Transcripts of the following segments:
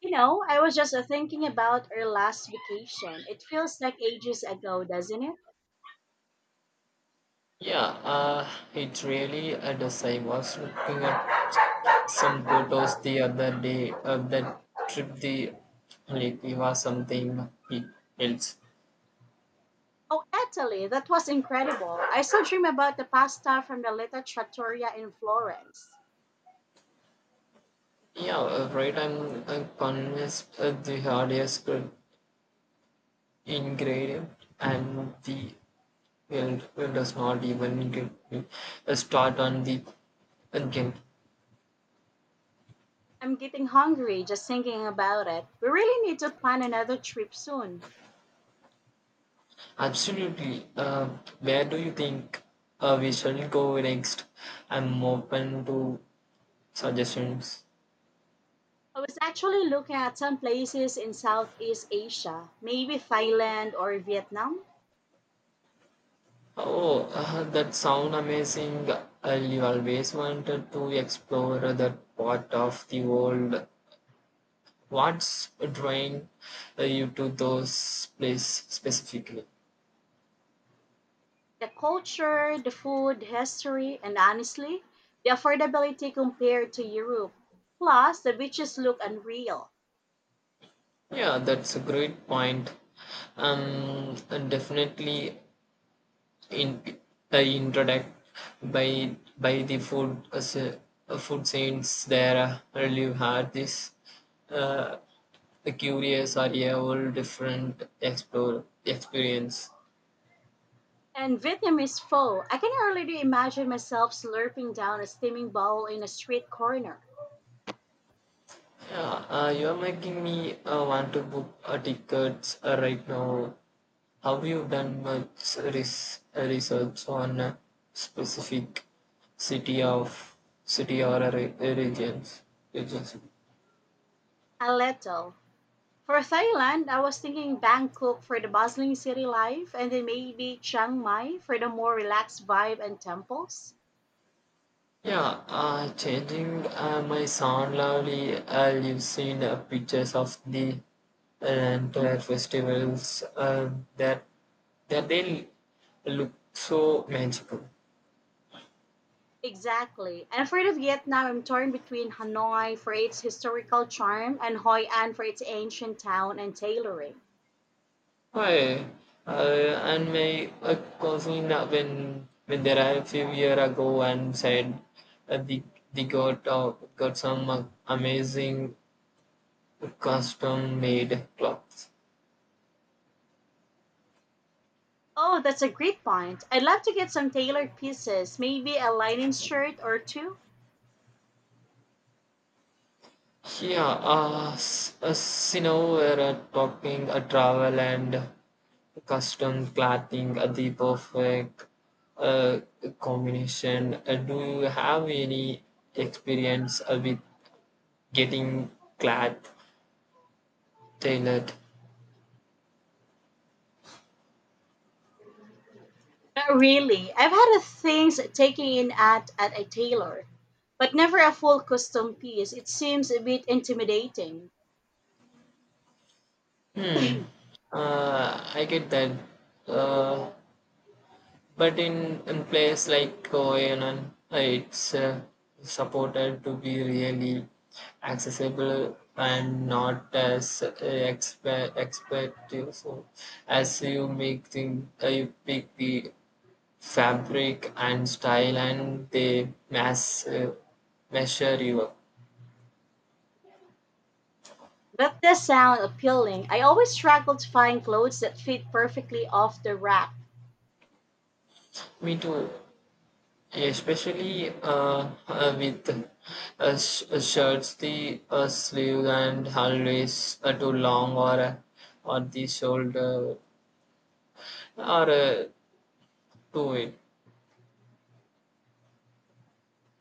You know, I was just thinking about our last vacation. It feels like ages ago, doesn't it? Yeah, uh, it really does. I was looking at some photos the other day of that trip the like it was something else. Oh, Italy, that was incredible. I still dream about the pasta from the Little Trattoria in Florence. Yeah, right. I'm convinced the hardest good ingredient and the well it does not even get me a start on the again. I'm getting hungry just thinking about it. We really need to plan another trip soon. Absolutely. Where do you think we shall go next? I'm open to suggestions. I was actually looking at some places in Southeast Asia, maybe Thailand or Vietnam. Oh, that sound amazing. I always wanted to explore that part of the world. What's drawing you to those place specifically? The culture, the food, the history, and honestly, the affordability compared to Europe. Plus, the beaches look unreal. Yeah, that's a great point. And definitely in introduced by the food food scenes there. I really had this. uh, The curious are a whole different explore experience. And Vietnamese pho, I can already imagine myself slurping down a steaming bowl in a street corner. Yeah, you're making me want to book tickets right now. Have you done much research on a specific city of city or a regions? Aleto. For Thailand, I was thinking Bangkok for the bustling city life and then maybe Chiang Mai for the more relaxed vibe and temples. Yeah, Changing my son lovely. You've seen pictures of the entire festivals that that they look so magical. Exactly. And for the Vietnam, I'm torn between Hanoi for its historical charm and Hoi An for its ancient town and tailoring. Why? And my cousin when they arrived a few year ago and said uh, they, they got got some amazing custom made clothes. Oh, that's a great point. I'd love to get some tailored pieces, maybe a linen shirt or two. We're talking travel and custom clothing, the perfect uh, combination. Do you have any experience with getting cloth tailored? Not really. I've had a things taken in at a tailor, but never a full custom piece. It seems a bit intimidating. Hmm, I get that. Uh, But in place like OANN, it's supported to be really accessible and not as expected. So as you make thing, you pick the fabric and style, and they mass measure you up. That does sound appealing. I always struggle to find clothes that fit perfectly off the rack. Me too. Yeah, especially with shirts the sleeve and always too long or or the shoulder or too wide.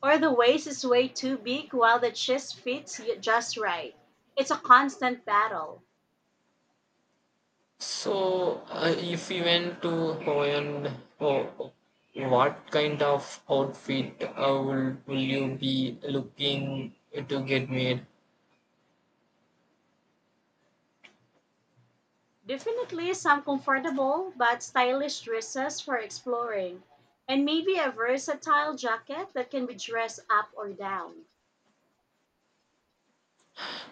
Or the waist is way too big while the chest fits you just right. It's a constant battle. So if you went to Hawaiian, oh, what kind of outfit will you be looking to get made? Definitely some comfortable but stylish dresses for exploring, and maybe a versatile jacket that can be dressed up or down.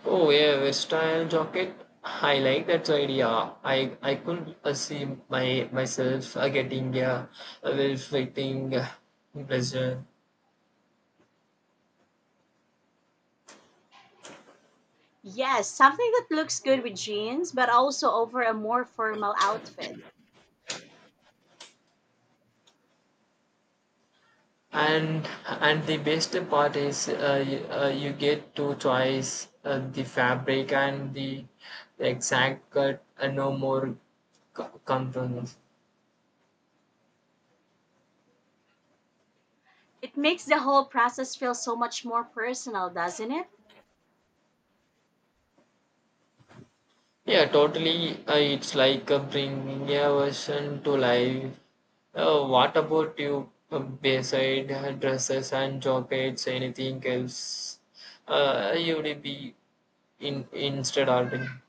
Oh yeah, versatile jacket. I like that idea. I could see my myself getting a well-fitting blazer. Yes, something that looks good with jeans, but also over a more formal outfit. And the best part is you get to choice the fabric and the exact cut, and no more compromise. It makes the whole process feel so much more personal, doesn't it? Yeah, totally. It's like bringing a version to life. What about you, beside dresses and jackets, anything else you would be in instead ordering?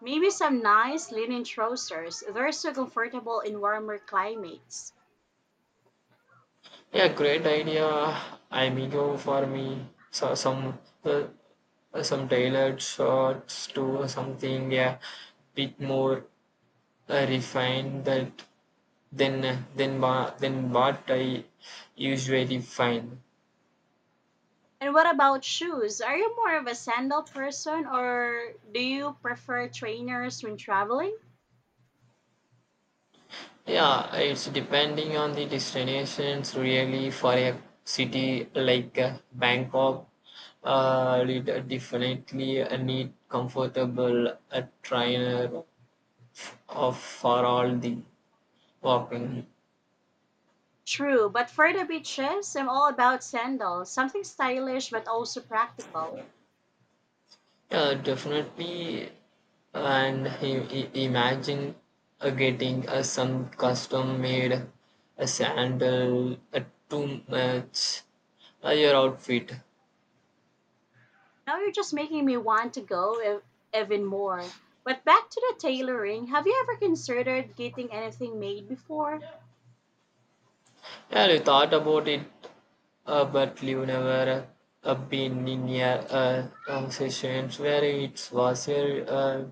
Maybe some nice linen trousers. They're so comfortable in warmer climates. Yeah, great idea. I may go for me so some tailored shorts to something, yeah, bit more refined that than than what I usually find. And what about shoes? Are you more of a sandal person or do you prefer trainers when traveling? Yeah, it's depending on the destinations, really. For a city like Bangkok, you definitely need comfortable a trainer of for all the walking. True, but for the beaches, I'm all about sandals, something stylish but also practical. Yeah, definitely, and imagine getting some custom made a sandal to match your outfit. Now you're just making me want to even more. But back to the tailoring, have you ever considered getting anything made before? Yeah, you thought about it. But you never been in a, situations where it was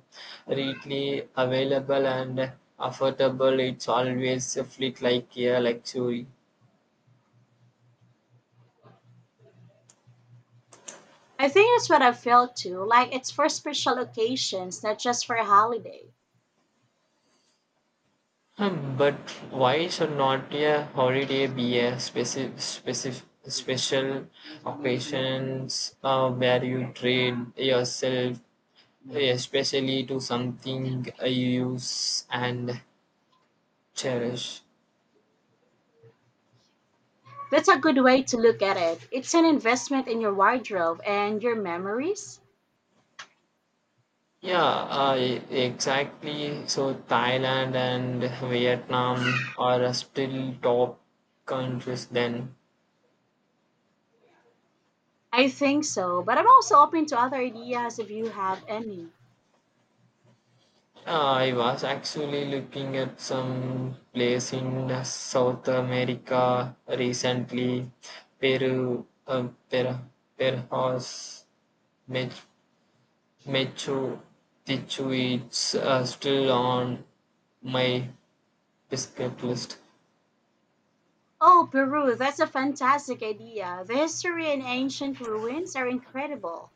readily available and affordable. It's always a fleet like a luxury. I think that's what I felt too, like it's for special occasions, not just for a holiday. But why should not a holiday be a specific special occasions where you train yourself, especially to something you use and cherish? That's a good way to look at it. It's an investment in your wardrobe and your memories? Exactly. So Thailand and Vietnam are still top countries then. I think so, but I'm also open to other ideas if you have any. I was actually looking at some place in South America recently. Peru, perhaps Mach- Machu Picchu. It's still on my biscuit list. Oh, Peru, that's a fantastic idea. The history and ancient ruins are incredible.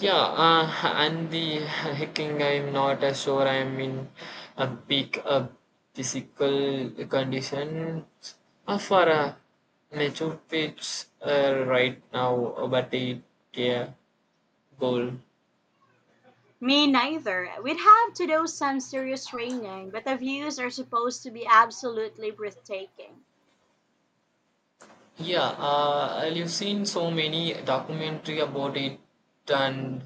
Yeah, uh, and the hiking, I'm not sure I'm in a peak physical condition for a nature pitch right now, yeah, goal. Me neither. We'd have to do some serious training, but the views are supposed to be absolutely breathtaking. Yeah, you've seen so many documentary about it, and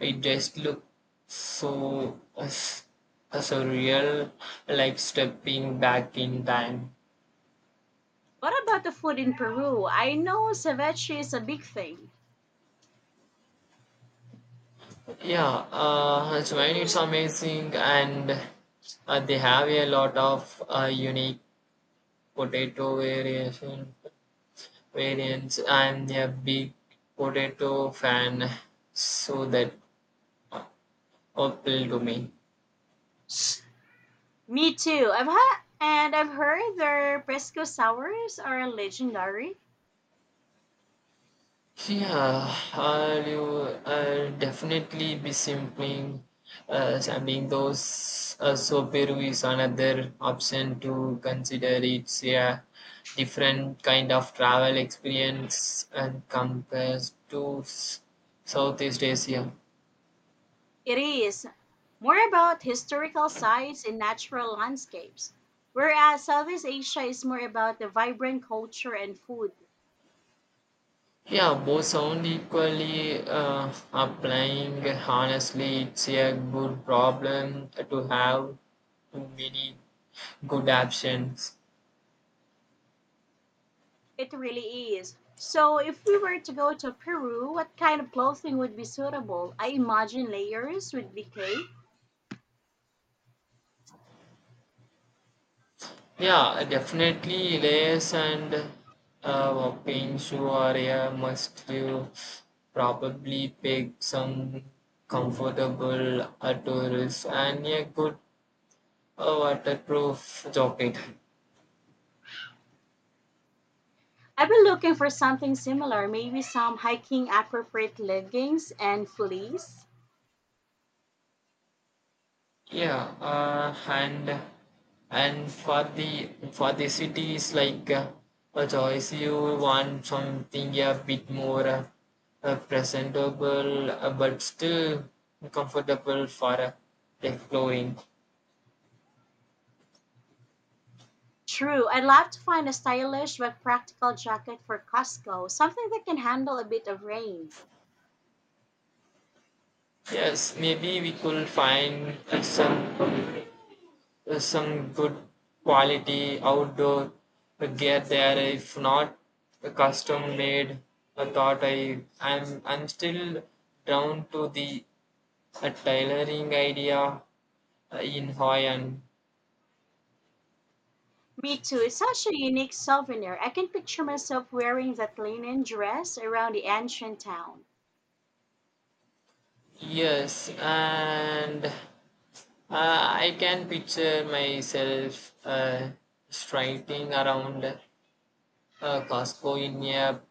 it just looks so surreal, like stepping back in time. What about the food in Peru? I know ceviche is a big thing. Yeah, Japan, it's amazing, and they have a lot of unique potato variation variants. I'm a big potato fan, so that appeal to me. Me too. I've had and I've heard their Presco sours are legendary. I'll definitely be sampling those. So Peru is another option to consider. It's a different kind of travel experience and compared to Southeast Asia. It is more about historical sites and natural landscapes, whereas Southeast Asia is more about the vibrant culture and food. Yeah, both sound equally applying. Honestly, it's a good problem to have, too many good options. It really is. So, if we were to go to Peru, what kind of clothing would be suitable? I imagine layers would be great. Yeah, definitely layers, and paints you are a must. You probably pick some comfortable outdoors and a good waterproof jacket. I've been looking for something similar, maybe some hiking appropriate leggings and fleece. Yeah, uh, and and for the cities like a choice, you want something a bit more presentable, but still comfortable for exploring. True. I'd love to find a stylish but practical jacket for Costco, something that can handle a bit of rain. Yes, maybe we could find some good quality outdoor gear there. If not, a custom made. I thought I I'm still down to the a tailoring idea in Hawaiian. Me too. It's such a unique souvenir. I can picture myself wearing that linen dress around the ancient town. Yes, and I can picture myself striding around Costco in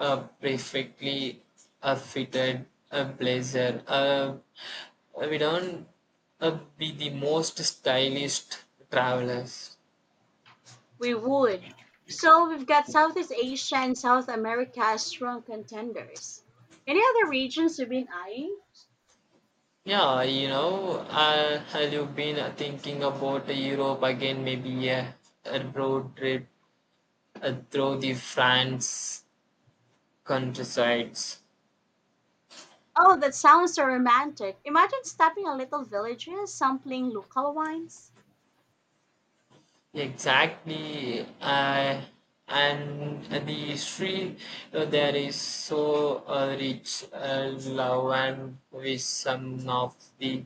a perfectly fitted blazer. We don't be the most stylish travelers. We would. So we've got Southeast Asia and South America as strong contenders. Any other regions you've been eyeing? Have you been thinking about Europe again? Maybe a road trip through the France countryside. Oh, that sounds so romantic. Imagine stopping at little villages, sampling local wines. Exactly, and the history there is so rich, love and with some of the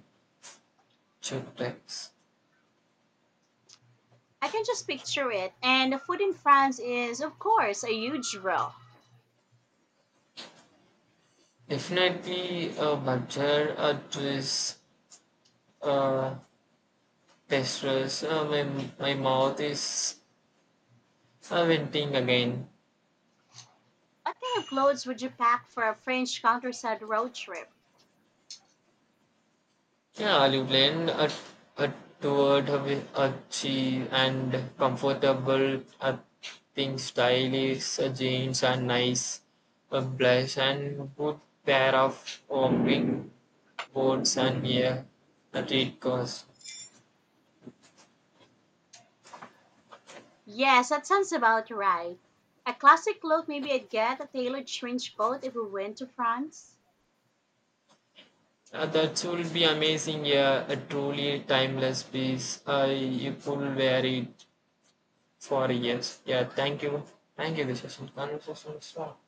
chocolates. I can just picture it. And the food in France is, of course, a huge draw. Definitely a butter, a twist, uh, pastries. My mouth is venting again. What kind of clothes would you pack for a French countryside road trip? Yeah, you plan a toward a, a cheap and comfortable a thing stylish a jeans and nice a blush and good pair of walking boots and yeah a it cost. Yes, that sounds about right. A classic look, maybe I'd get a tailored trench coat if we went to France. That will be amazing, yeah, a truly timeless piece. You could wear it for years. Yeah, thank you. Thank you, this is some conversation. Stop.